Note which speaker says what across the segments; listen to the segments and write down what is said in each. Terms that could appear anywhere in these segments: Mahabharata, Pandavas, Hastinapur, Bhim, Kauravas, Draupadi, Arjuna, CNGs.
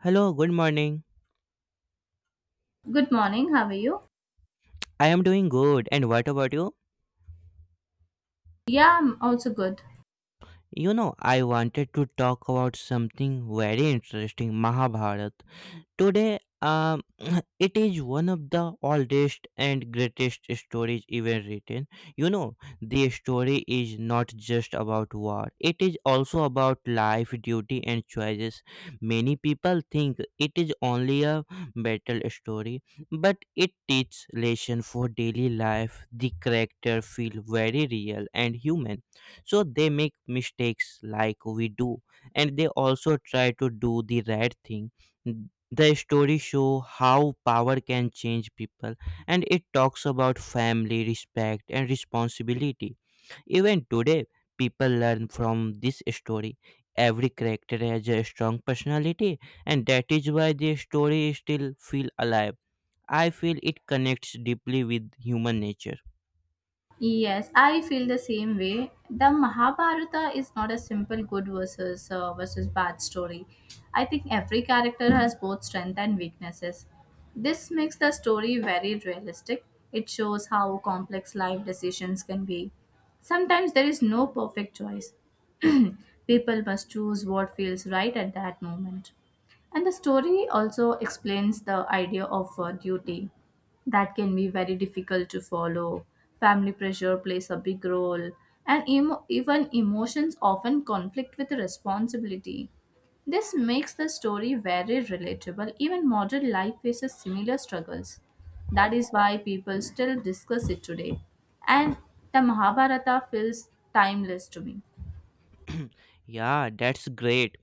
Speaker 1: Hello, good morning.
Speaker 2: Good morning, how are you?
Speaker 1: I am doing good, and what about you?
Speaker 2: Yeah, I'm also good.
Speaker 1: You know, I wanted to talk about something very interesting Mahabharata. Today, it is one of the oldest and greatest stories ever written. You know, the story is not just about war, it is also about life, duty, and choices. Many people think it is only a battle story, but it teaches lesson for daily life. The character feel very real and human, so they make mistakes like we do, and they also try to do the right thing. The story show how power can change people, and it talks about family, respect and responsibility. Even today, people learn from this story. Every character has a strong personality, and that is why the story still feel alive. I feel it connects deeply with human nature.
Speaker 2: Yes, I feel the same way. The Mahabharata is not a simple good versus versus bad story. I think every character has both strength and weaknesses. This makes the story very realistic. It shows how complex life decisions can be. Sometimes there is no perfect choice. People must choose what feels right at that moment. And the story also explains the idea of duty that can be very difficult to follow. Family pressure plays a big role, and even emotions often conflict with responsibility. This makes the story very relatable. Even modern life faces similar struggles. That is why people still discuss it today. And the Mahabharata feels timeless to me.
Speaker 1: Yeah, that's great.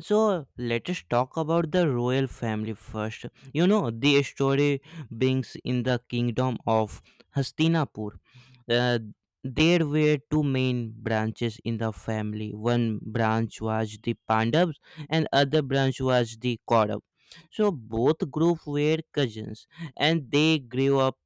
Speaker 1: So let us talk about the royal family first. You know, the story brings in the kingdom of Hastinapur. Uh, there were two main branches in the family. One branch was the Pandavas, and other branch was the Kauravas. So both group were cousins, and they grew up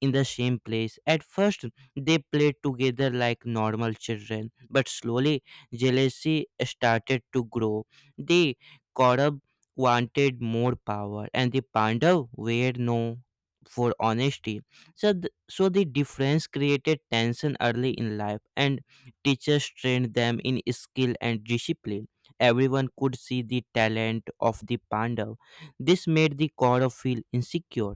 Speaker 1: in the same place. At first, they played together like normal children, but slowly, jealousy started to grow. The Kaurav wanted more power, and the Pandav were no for honesty. So, so the difference created tension early in life, and teachers trained them in skill and discipline. Everyone could see the talent of the Pandav. This made the Kaurav feel insecure,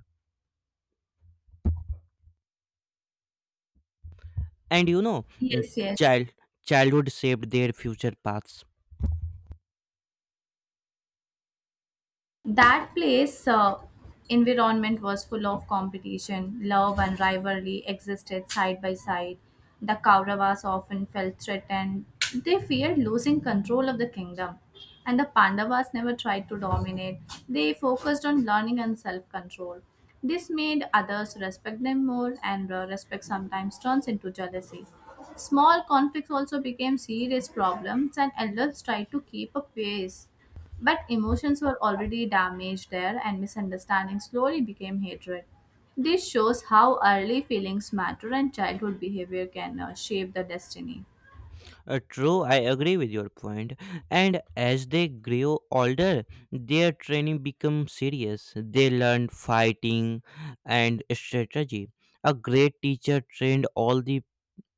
Speaker 1: and mm,
Speaker 2: Yes, yes.
Speaker 1: child childhood shaped their future paths.
Speaker 2: That place environment was full of competition. Love and rivalry existed side by side. The Kauravas often felt threatened. They feared losing control of the kingdom. And the Pandavas never tried to dominate. They focused on learning and self control. This made others respect them more, and respect sometimes turns into jealousy. Small conflicts also became serious problems, and elders tried to keep a pace. But emotions were already damaged there, and misunderstanding slowly became hatred. This shows how early feelings matter and childhood behavior can shape the destiny.
Speaker 1: True, I agree with your point. And as they grew older, their training became serious. They learned fighting and strategy. A great teacher trained all the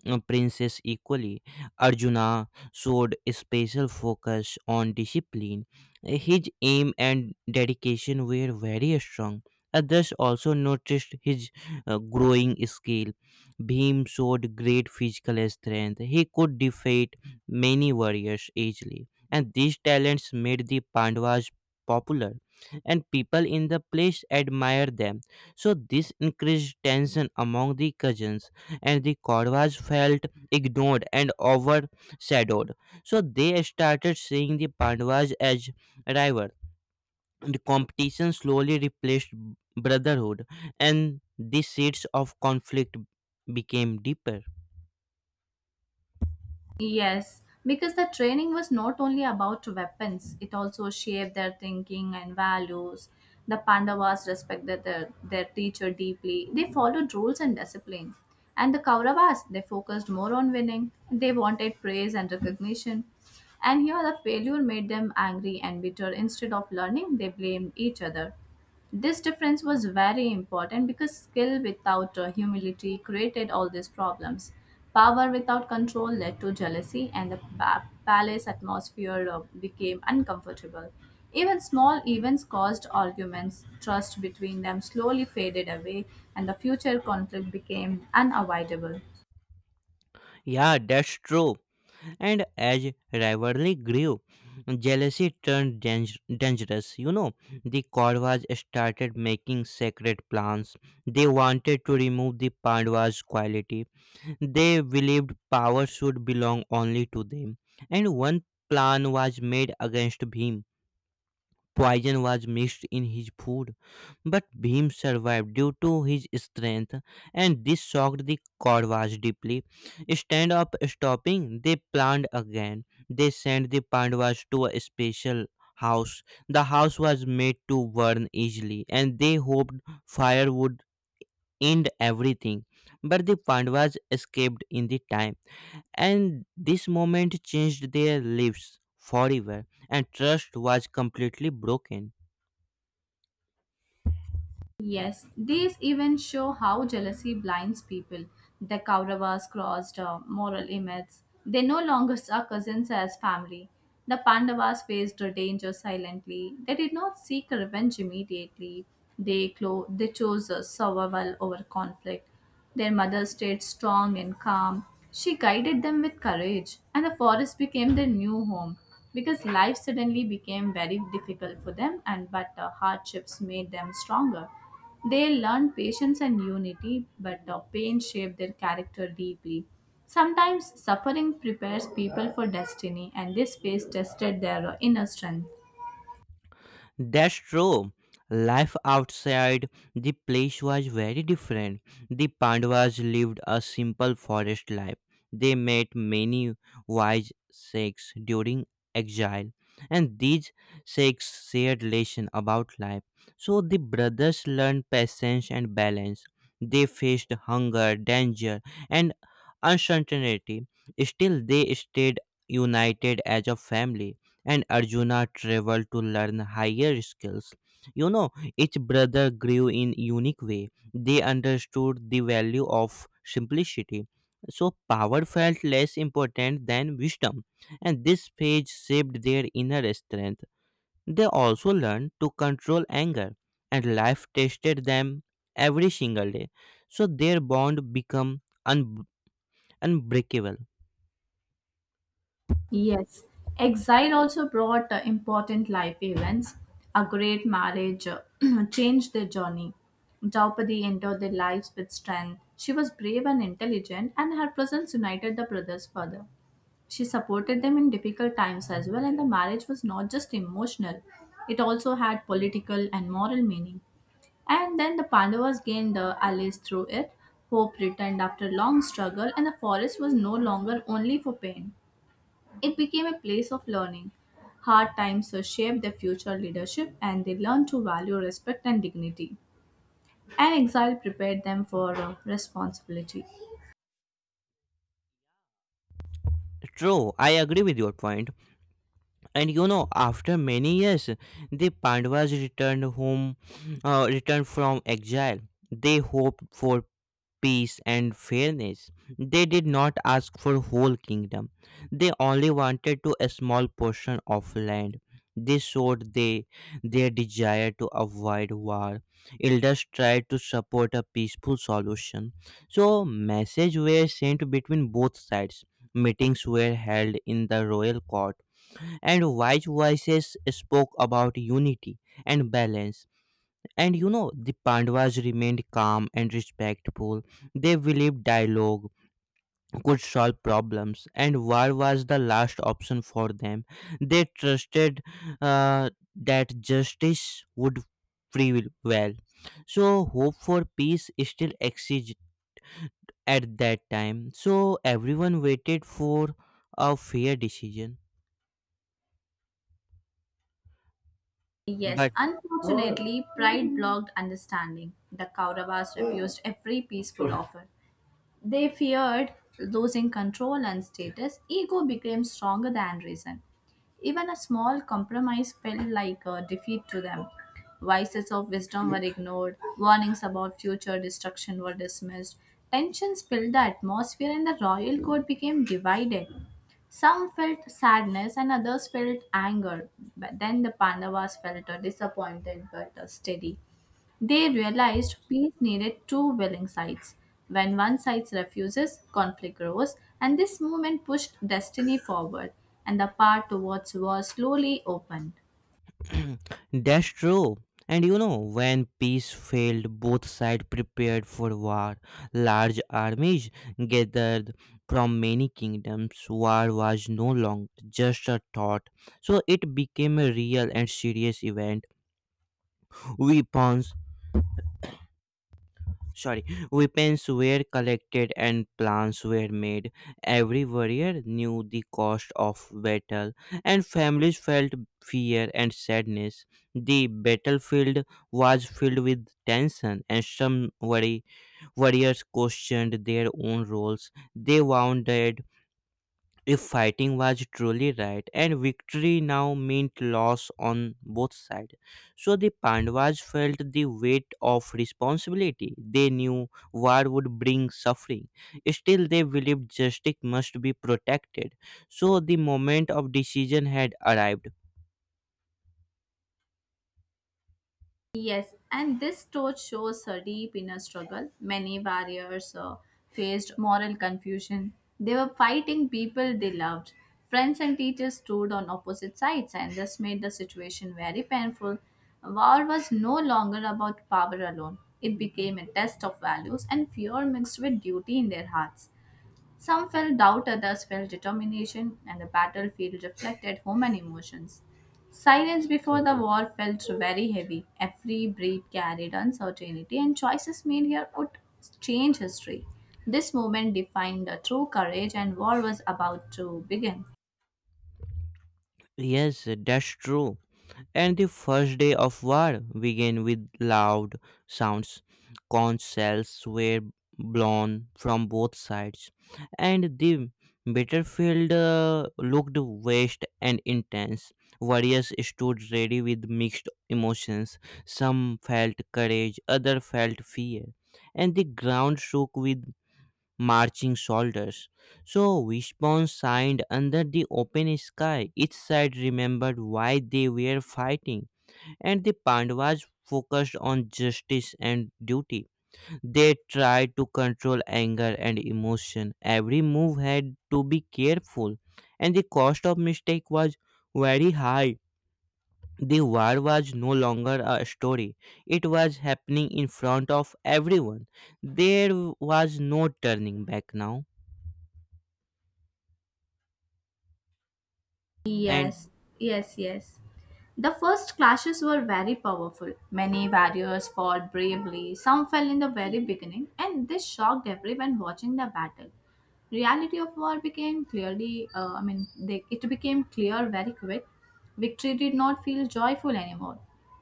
Speaker 1: princes equally. Arjuna showed special focus on discipline. His aim and dedication were very strong. Others also noticed his growing skill. Bhim showed great physical strength. He could defeat many warriors easily. And these talents made the Pandavas popular, and people in the place admired them. So, this increased tension among the cousins, and the Korvas felt ignored and overshadowed. So they started seeing the Pandavas as rivals. The competition slowly replaced brotherhood, and the seeds of conflict became deeper.
Speaker 2: Yes, because the training was not only about weapons, it also shaped their thinking and values. The Pandavas respected their teacher deeply. They followed rules and discipline. And the Kauravas, they focused more on winning. They wanted praise and recognition. And here the failure made them angry and bitter. Instead of learning, they blamed each other. This difference was very important because skill without humility created all these problems. Power without control led to jealousy, and the palace atmosphere became uncomfortable. Even small events caused arguments, trust between them slowly faded away, and the future conflict became unavoidable.
Speaker 1: Yeah, that's true. And as rivalry grew, jealousy turned dangerous. You know, the Kauravas started making sacred plans. They wanted to remove the Pandavas' quality. They believed power should belong only to them, and one plan was made against Bhim. Poison was mixed in his food, but Bhim survived due to his strength, and this shocked the Kauravas deeply. Instead of stopping, they planned again. They sent the Pandavas to a special house. The house was made to burn easily, and they hoped fire would end everything. But the Pandavas escaped in the time, and this moment changed their lives forever, and trust was completely broken.
Speaker 2: Yes, these events show how jealousy blinds people. The Kauravas crossed moral limits. They no longer saw cousins as family. The Pandavas faced the danger silently. They did not seek revenge immediately. They chose survival over conflict. Their mother stayed strong and calm. She guided them with courage, and the forest became their new home because life suddenly became very difficult for them and but the hardships made them stronger. They learned patience and unity, but the pain shaped their character deeply. Sometimes suffering prepares people for destiny, and this phase tested their inner strength.
Speaker 1: That's true. Life outside the place was very different. The Pandavas lived a simple forest life. They made many wise sages during exile, and these sages shared lessons about life. So the brothers learned patience and balance. They faced hunger, danger, and uncertainty. Still, they stayed united as a family, and Arjuna traveled to learn higher skills. You know, each brother grew in unique way. They understood the value of simplicity. So power felt less important than wisdom, and this phase shaped their inner strength. They also learned to control anger, and life tested them every single day. So their bond became unbreakable.
Speaker 2: Yes, exile also brought important life events. A great marriage changed their journey. Draupadi entered their lives with strength. She was brave and intelligent, and her presence united the brothers further. She supported them in difficult times as well, and the marriage was not just emotional, it also had political and moral meaning. And then the Pandavas gained allies through it. Hope returned after long struggle, and the forest was no longer only for pain. It became a place of learning. Hard times shaped their future leadership and they learned to value respect and dignity. And exile prepared them for responsibility.
Speaker 1: True, I agree with your point. And you know, after many years, the pandavas returned home, returned from exile. They hoped for peace and fairness. They did not ask for whole kingdom. They only wanted to a small portion of land. This showed they their desire to avoid war. Elders tried to support a peaceful solution, so messages were sent between both sides. Meetings were held in the royal court, and wise voices spoke about unity and balance. And you know, the Pandavas remained calm and respectful. They believed dialogue could solve problems, and war was the last option for them. They trusted that justice would prevail well. So, hope for peace still exists at that time. So, everyone waited for a fair decision.
Speaker 2: Yes,
Speaker 1: But
Speaker 2: unfortunately, pride blocked understanding. The Kauravas refused every peaceful offer. They feared losing control and status. Ego became stronger than reason. Even a small compromise felt like a defeat to them. Vices of wisdom were ignored, warnings about future destruction were dismissed. Tensions filled the atmosphere, and the royal court became divided. Some felt sadness, and others felt anger. But then the Pandavas felt disappointed but steady. They realized peace needed two willing sides. When one side refuses, conflict grows, and this movement pushed destiny forward, and the path towards war slowly opened.
Speaker 1: that's true. And you know, when peace failed, both sides prepared for war. Large armies gathered from many kingdoms. War was no longer just a thought, so it became a real and serious event. Weapons sorry weapons were collected and plans were made. Every warrior knew the cost of battle, and families felt fear and sadness. The battlefield was filled with tension and some worry. Warriors questioned their own roles. They wondered if fighting was truly right, and victory now meant loss on both sides. So the Pandavas felt the weight of responsibility. They knew war would bring suffering. Still, they believed justice must be protected. So the moment of decision had arrived.
Speaker 2: Yes, and this story shows her deep inner struggle. Many warriors faced moral confusion. They were fighting people they loved. Friends and teachers stood on opposite sides, and this made the situation very painful. War was no longer about power alone, it became a test of values and fear mixed with duty in their hearts. Some felt doubt, others felt determination, and the battlefield reflected human emotions. Silence before the war felt very heavy. Every breath carried uncertainty, and choices made here would change history. This moment defined the true courage, and war was about to begin.
Speaker 1: Yes, that's true. And the first day of war began with loud sounds. Conch shells were blown from both sides, and the battlefield looked vast and intense. Warriors stood ready with mixed emotions. Some felt courage, others felt fear, and the ground shook with marching soldiers. So Wishbone signed under the open sky. Each side remembered why they were fighting, and the Pandavas focused on justice and duty. They tried to control anger and emotion. Every move had to be careful, and the cost of mistake was very high. The war was no longer a story. It was happening in front of everyone. There was no turning back now. And
Speaker 2: Yes, yes, yes. The first clashes were very powerful. Many warriors fought bravely, some fell in the very beginning, and this shocked everyone watching the battle. Reality of war became clearly, it became clear very quick. Victory did not feel joyful anymore.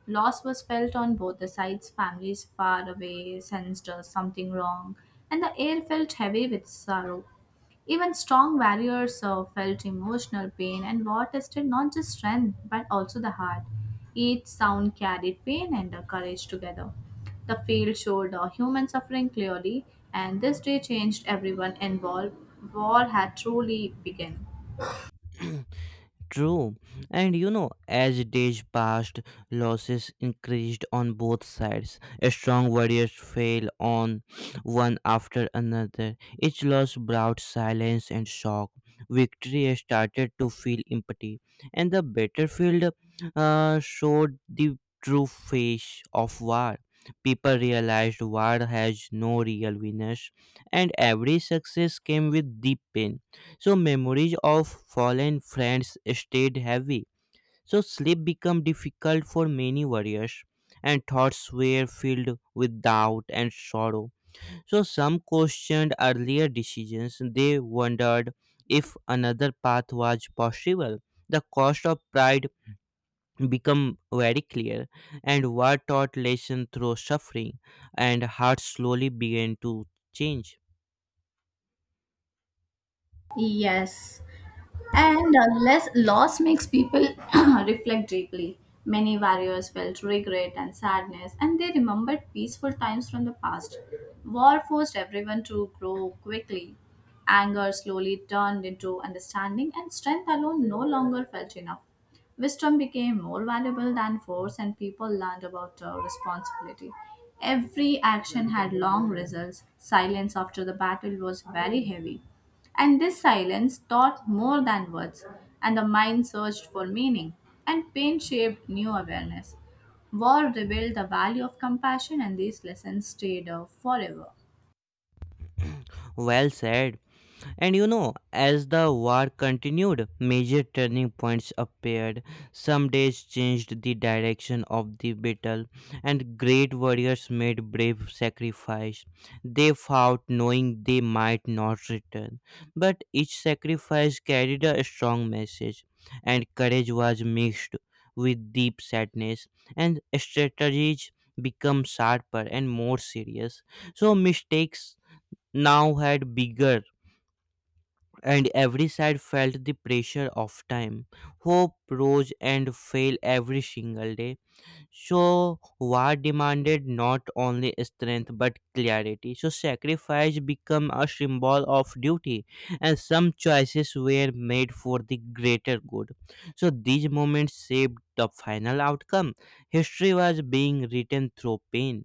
Speaker 2: Loss was felt on both the sides, families far away sensed something wrong, and the air felt heavy with sorrow. Even strong warriors felt emotional pain, and war tested not just strength but also the heart. Each sound carried pain and courage together. The field showed human suffering clearly, and this day changed everyone involved. War had truly begun.
Speaker 1: True. And you know, as days passed, losses increased on both sides. Strong warriors fell on one after another. Each loss brought silence and shock. Victory started to feel empty, and the battlefield showed the true face of war. People realized war has no real winners, and every success came with deep pain. So memories of fallen friends stayed heavy. So sleep became difficult for many warriors, and thoughts were filled with doubt and sorrow. So some questioned earlier decisions. They wondered if another path was possible. The cost of pride became very clear, and war taught lesson through suffering, and hearts slowly began to change.
Speaker 2: Yes. And less loss makes people reflect deeply. Many warriors felt regret and sadness, and they remembered peaceful times from the past. War forced everyone to grow quickly. Anger slowly turned into understanding, and strength alone no longer felt enough. Wisdom became more valuable than force, and people learned about responsibility. Every action had long results. Silence after the battle was very heavy. And this silence taught more than words, and the mind searched for meaning, and pain shaped new awareness. War revealed the value of compassion, and these lessons stayed forever.
Speaker 1: Well said. And you know, as the war continued, major turning points appeared. Some days changed the direction of the battle, and great warriors made brave sacrifice. They fought knowing they might not return, but each sacrifice carried a strong message, and courage was mixed with deep sadness, and strategies became sharper and more serious. So mistakes now had bigger, and every side felt the pressure of time. Hope rose and fell every single day. So, war demanded not only strength but clarity. So, sacrifice became a symbol of duty, and some choices were made for the greater good. So, these moments shaped the final outcome. History was being written through pain.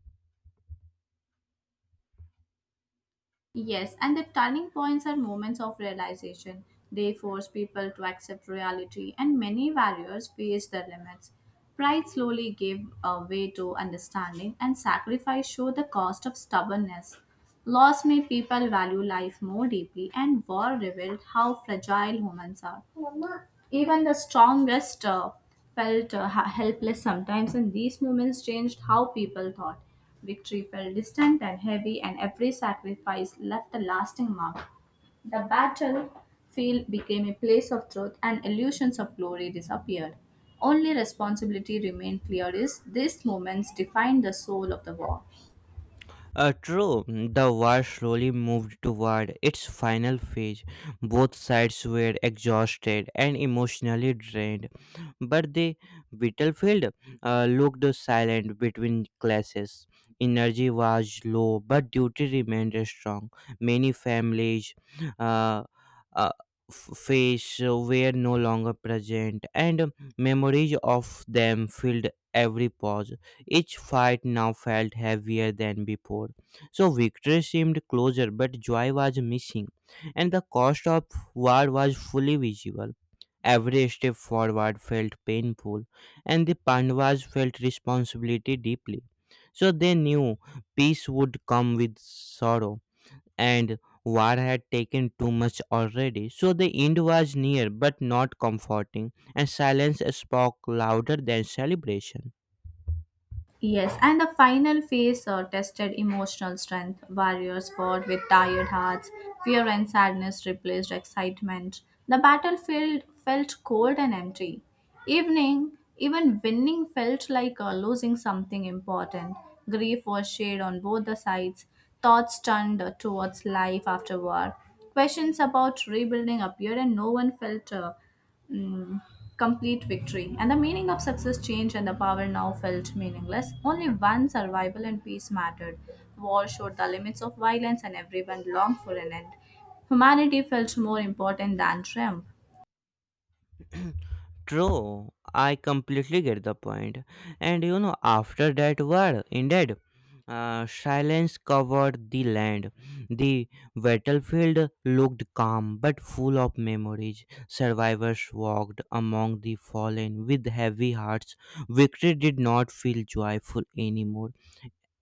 Speaker 2: Yes, and the turning points are moments of realization. They force people to accept reality, and many warriors face their limits. Pride slowly gave way to understanding, and sacrifice showed the cost of stubbornness. Loss made people value life more deeply, and war revealed how fragile humans are. Even the strongest felt helpless sometimes, and these moments changed how people thought. Victory felt distant and heavy, and every sacrifice left a lasting mark. The battlefield became a place of truth, and illusions of glory disappeared. Only responsibility remained clear is these moments defined the soul of the war.
Speaker 1: True, the war slowly moved toward its final phase. Both sides were exhausted and emotionally drained, but the battlefield looked silent between classes. Energy was low, but duty remained strong. Many families uh, uh, face were no longer present, and memories of them filled every pause. Each fight now felt heavier than before. So victory seemed closer, but joy was missing, and the cost of war was fully visible. Every step forward felt painful, and the Pandavas felt responsibility deeply. So they knew peace would come with sorrow, and war had taken too much already. So the end was near, but not comforting, and silence spoke louder than celebration.
Speaker 2: Yes, and the final phase tested emotional strength. Warriors fought with tired hearts, fear and sadness replaced excitement. The battlefield felt cold and empty. Even winning felt like losing something important. Grief was shared on both the sides. Thoughts turned towards life after war. Questions about rebuilding appeared, and no one felt mm, complete victory, and the meaning of success changed, and the power now felt meaningless. Only one survival and peace mattered. War showed the limits of violence, and everyone longed for an end. Humanity felt more important than triumph.
Speaker 1: True, I completely get the point. And you know, after that war ended, silence covered the land. The battlefield looked calm but full of memories. Survivors walked among the fallen with heavy hearts. Victory did not feel joyful anymore.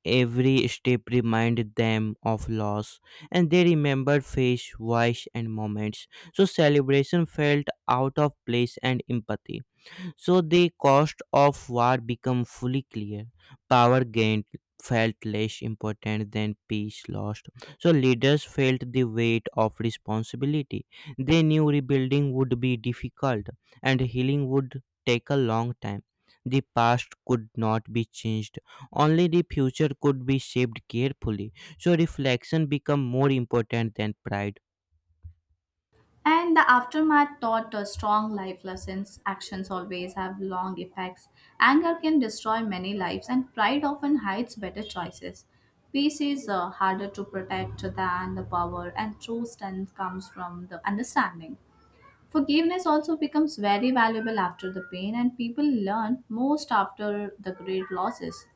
Speaker 1: Every step reminded them of loss, and they remembered face, voice, and moments. So celebration felt out of place and empathy, so the cost of war became fully clear. Power gained felt less important than peace lost. So leaders felt the weight of responsibility. They knew rebuilding would be difficult and healing would take a long time. The past could not be changed. Only the future could be shaped carefully. So reflection became more important than pride.
Speaker 2: And the aftermath taught us strong life lessons. Actions always have long effects. Anger can destroy many lives, and pride often hides better choices. Peace is harder to protect than the power, and true strength comes from the understanding. Forgiveness also becomes very valuable after the pain, and people learn most after the great losses.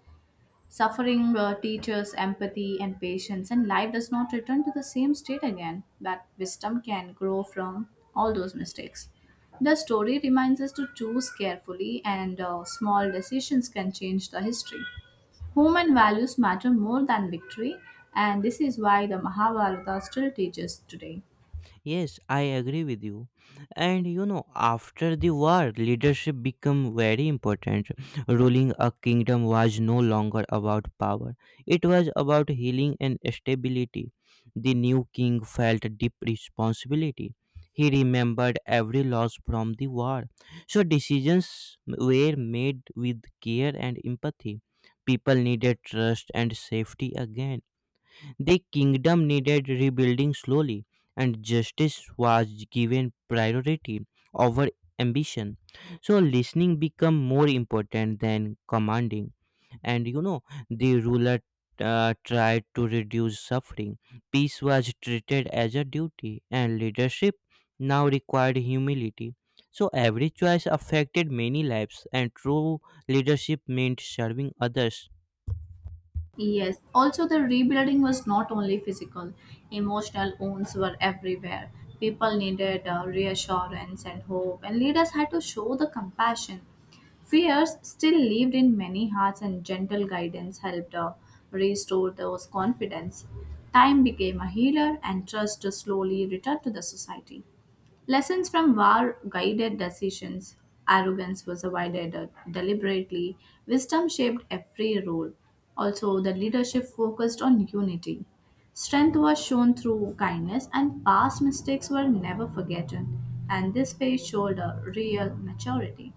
Speaker 2: Suffering teaches empathy and patience, and life does not return to the same state again. That wisdom can grow from all those mistakes. The story reminds us to choose carefully, and small decisions can change the history. Human values matter more than victory, and this is why the Mahabharata still teaches today.
Speaker 1: Yes, I agree with you. And you know, after the war, leadership became very important. Ruling a kingdom was no longer about power. It was about healing and stability. The new king felt deep responsibility. He remembered every loss from the war. So decisions were made with care and empathy. People needed trust and safety again. The kingdom needed rebuilding slowly, and justice was given priority over ambition. So, listening became more important than commanding. And you know, the ruler tried to reduce suffering. Peace was treated as a duty, and leadership now required humility. So, every choice affected many lives, and true leadership meant serving others.
Speaker 2: Yes, also the rebuilding was not only physical, emotional wounds were everywhere. People needed reassurance and hope, and leaders had to show the compassion. Fears still lived in many hearts, and gentle guidance helped restore those confidence. Time became a healer, and trust slowly returned to the society. Lessons from war guided decisions. Arrogance was avoided deliberately. Wisdom shaped every role. Also, the leadership focused on unity. Strength was shown through kindness, and past mistakes were never forgotten. And this phase showed a real maturity.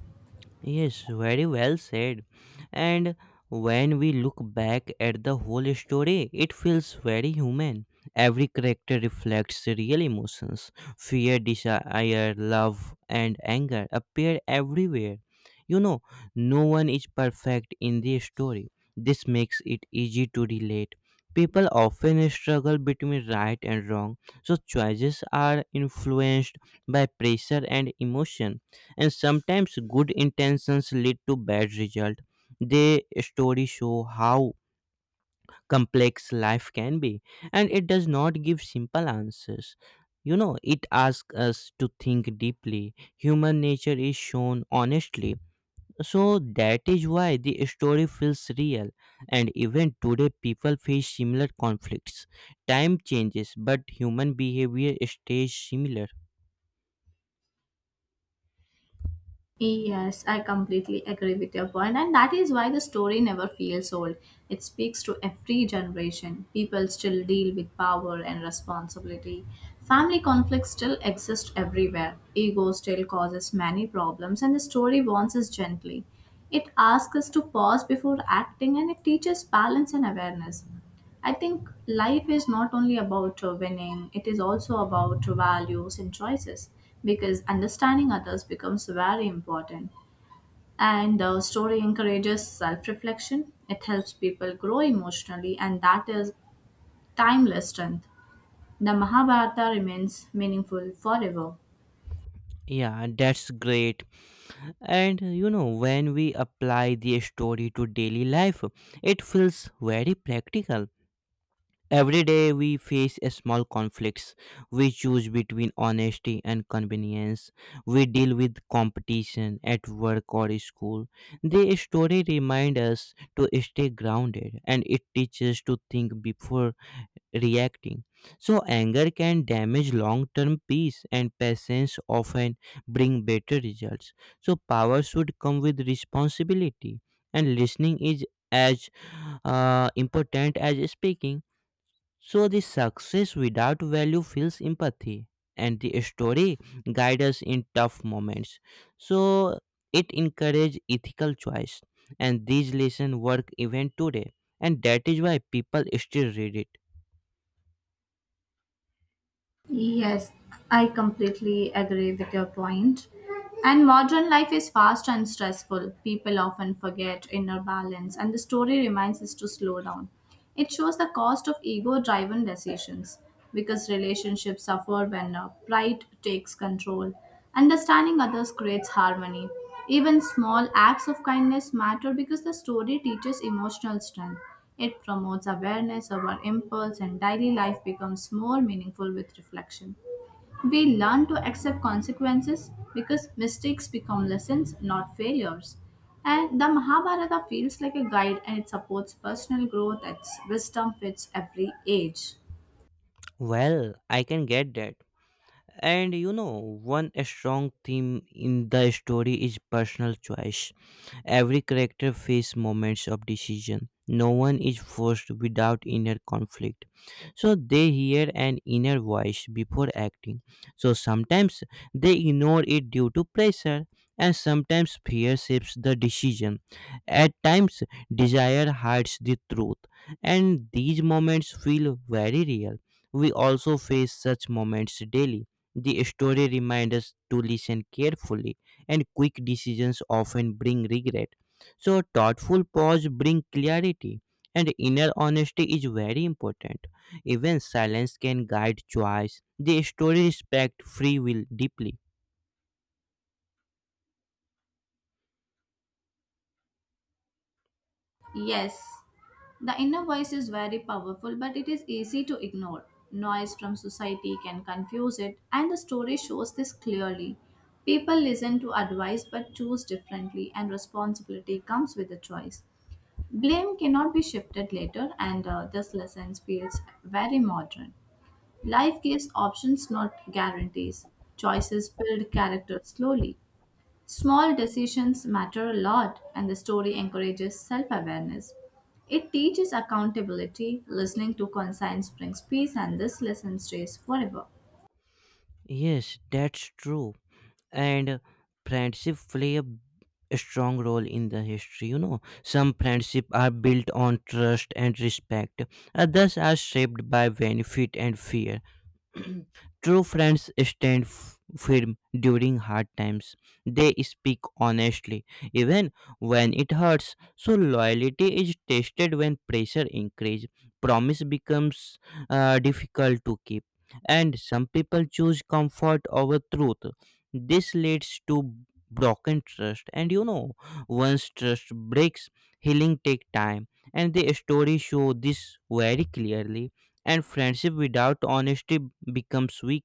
Speaker 1: Yes, very well said. And when we look back at the whole story, it feels very human. Every character reflects real emotions. Fear, desire, love, and anger appear everywhere. You know, no one is perfect in the story. This makes it easy to relate. People often struggle between right and wrong, so choices are influenced by pressure and emotion, and sometimes good intentions lead to bad result. Their stories show how complex life can be, and it does not give simple answers. You know, it asks us to think deeply. Human nature is shown honestly, so that is why the story feels real, and even today people face similar conflicts. Time changes but human behavior stays similar.
Speaker 2: Yes, I completely agree with your point, and that is why the story never feels old. It speaks to every generation. People still deal with power and responsibility. Family conflicts still exist everywhere. Ego still causes many problems, and the story warns us gently. It asks us to pause before acting and it teaches balance and awareness. I think life is not only about winning, it is also about values and choices because understanding others becomes very important. And the story encourages self reflection, it helps people grow emotionally, and that is timeless strength. The Mahabharata remains meaningful forever.
Speaker 1: Yeah, that's great. And you know, when we apply the story to daily life, it feels very practical. Every day we face a small conflicts. We choose between honesty and convenience. We deal with competition at work or school. The story reminds us to stay grounded, and it teaches to think before reacting. So, anger can damage long term peace, and patience often bring better results. So, power should come with responsibility, and listening is as important as speaking. So, the success without value feels empathy, and the story guides us in tough moments. So, it encourages ethical choice, and these lessons work even today, and that is why people still read it.
Speaker 2: Yes, I completely agree with your point. And modern life is fast and stressful. People often forget inner balance, and the story reminds us to slow down. It shows the cost of ego driven decisions because relationships suffer when pride takes control. Understanding others creates harmony. Even small acts of kindness matter because the story teaches emotional strength. It promotes awareness of our impulse, and daily life becomes more meaningful with reflection. We learn to accept consequences because mistakes become lessons, not failures. And the Mahabharata feels like a guide and it supports personal growth as wisdom fits every age.
Speaker 1: Well, I can get that. And you know, one strong theme in the story is personal choice. Every character faces moments of decision. No one is forced without inner conflict. So they hear an inner voice before acting. So sometimes they ignore it due to pressure, and sometimes fear shapes the decision. At times, desire hides the truth, and these moments feel very real. We also face such moments daily. The story reminds us to listen carefully, and quick decisions often bring regret. So, a thoughtful pause bring clarity, and inner honesty is very important. Even silence can guide choice. The story respect free will deeply.
Speaker 2: Yes, the inner voice is very powerful, but it is easy to ignore. Noise from society can confuse it, and the story shows this clearly. People listen to advice but choose differently, and responsibility comes with the choice. Blame cannot be shifted later, and this lesson feels very modern. Life gives options, not guarantees. Choices build character slowly. Small decisions matter a lot, and the story encourages self awareness. It teaches accountability, listening to conscience brings peace, and this lesson stays forever.
Speaker 1: Yes, that's true. And friendship play a b- a strong role in the history. You know, some friendship are built on trust and respect, others are shaped by benefit and fear. True friends stand f- firm during hard times. They speak honestly, even when it hurts. So loyalty is tested when pressure increases. Promise becomes difficult to keep, and some people choose comfort over truth. This leads to broken trust, and you know, once trust breaks, healing take time, and the story show this very clearly. And friendship without honesty becomes weak,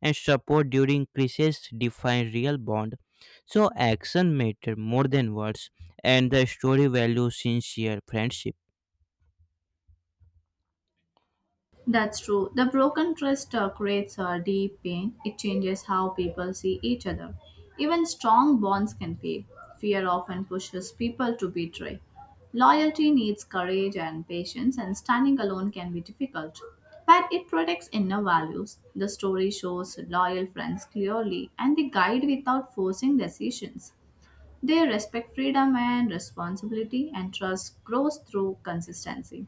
Speaker 1: and support during crisis defines real bond. So action matter more than words, and the story values sincere friendship.
Speaker 2: That's true. The broken trust creates a deep pain. It changes how people see each other. Even strong bonds can fail. Fear often pushes people to betray. Loyalty needs courage and patience, and standing alone can be difficult. But it protects inner values. The story shows loyal friends clearly, and they guide without forcing decisions. They respect freedom and responsibility, and trust grows through consistency.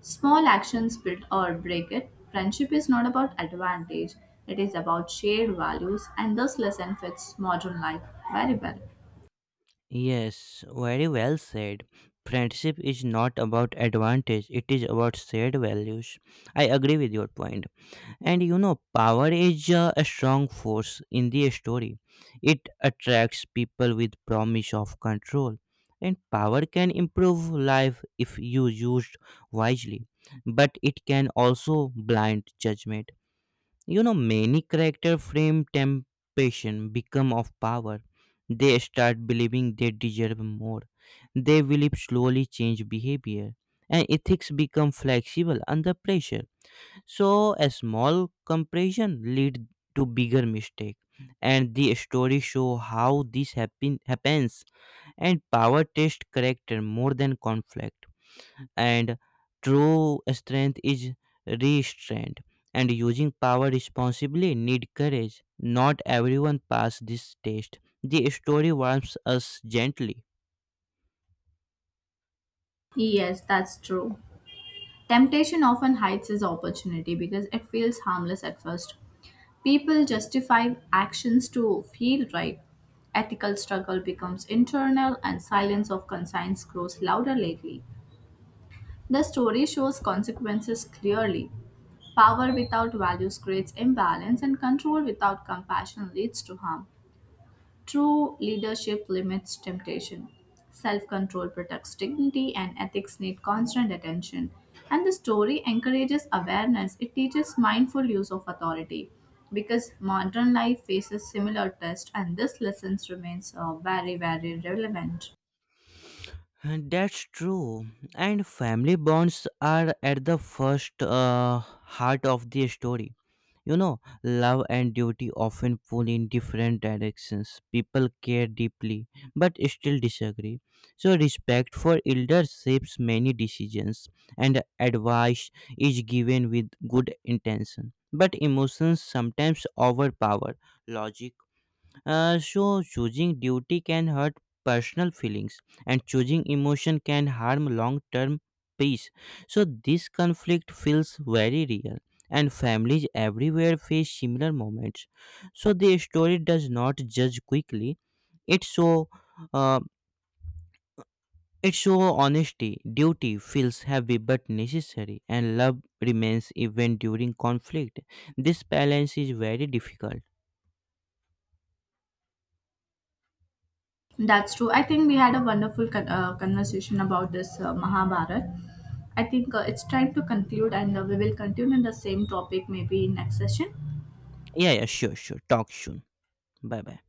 Speaker 2: Small actions build or break it. Friendship is not about advantage, it is about shared values, and this lesson fits modern life very well.
Speaker 1: Yes, very well said. Friendship is not about advantage, it is about shared values. I agree with your point. And you know, power is a strong force in the story. It attracts people with promise of control. And power can improve life if you used wisely, but it can also blind judgment. You know, many character frame temptation become of power. They start believing they deserve more. They believe slowly change behavior, and ethics become flexible under pressure. So a small compression lead to bigger mistake, and the story show how this happens. And power test character more than conflict, and true strength is restraint. And using power responsibly need courage. Not everyone pass this test. The story warms us gently.
Speaker 2: Yes, that's true. Temptation often hides its opportunity because it feels harmless at first. People justify actions to feel right. Ethical struggle becomes internal, and silence of conscience grows louder lately. The story shows consequences clearly. Power without values creates imbalance, and control without compassion leads to harm. True leadership limits temptation. Self control protects dignity, and ethics need constant attention. And the story encourages awareness, it teaches mindful use of authority because modern life faces similar tests, and this lesson remains very, very relevant.
Speaker 1: And that's true. And family bonds are at the first heart of the story. You know, love and duty often pull in different directions. People care deeply, but still disagree. So, respect for elders shapes many decisions, and advice is given with good intention. But emotions sometimes overpower logic, so choosing duty can hurt personal feelings, and choosing emotion can harm long-term peace. So this conflict feels very real, and families everywhere face similar moments. So the story does not judge quickly. It so uh, it show honesty. Duty feels heavy but necessary, and love remains even during conflict. This balance is very difficult.
Speaker 2: That's true. I think we had a wonderful conversation about this Mahabharat. I think it's time to conclude, and we will continue the same topic maybe in next session.
Speaker 1: Yeah, yeah, sure, sure. Talk soon. Bye bye.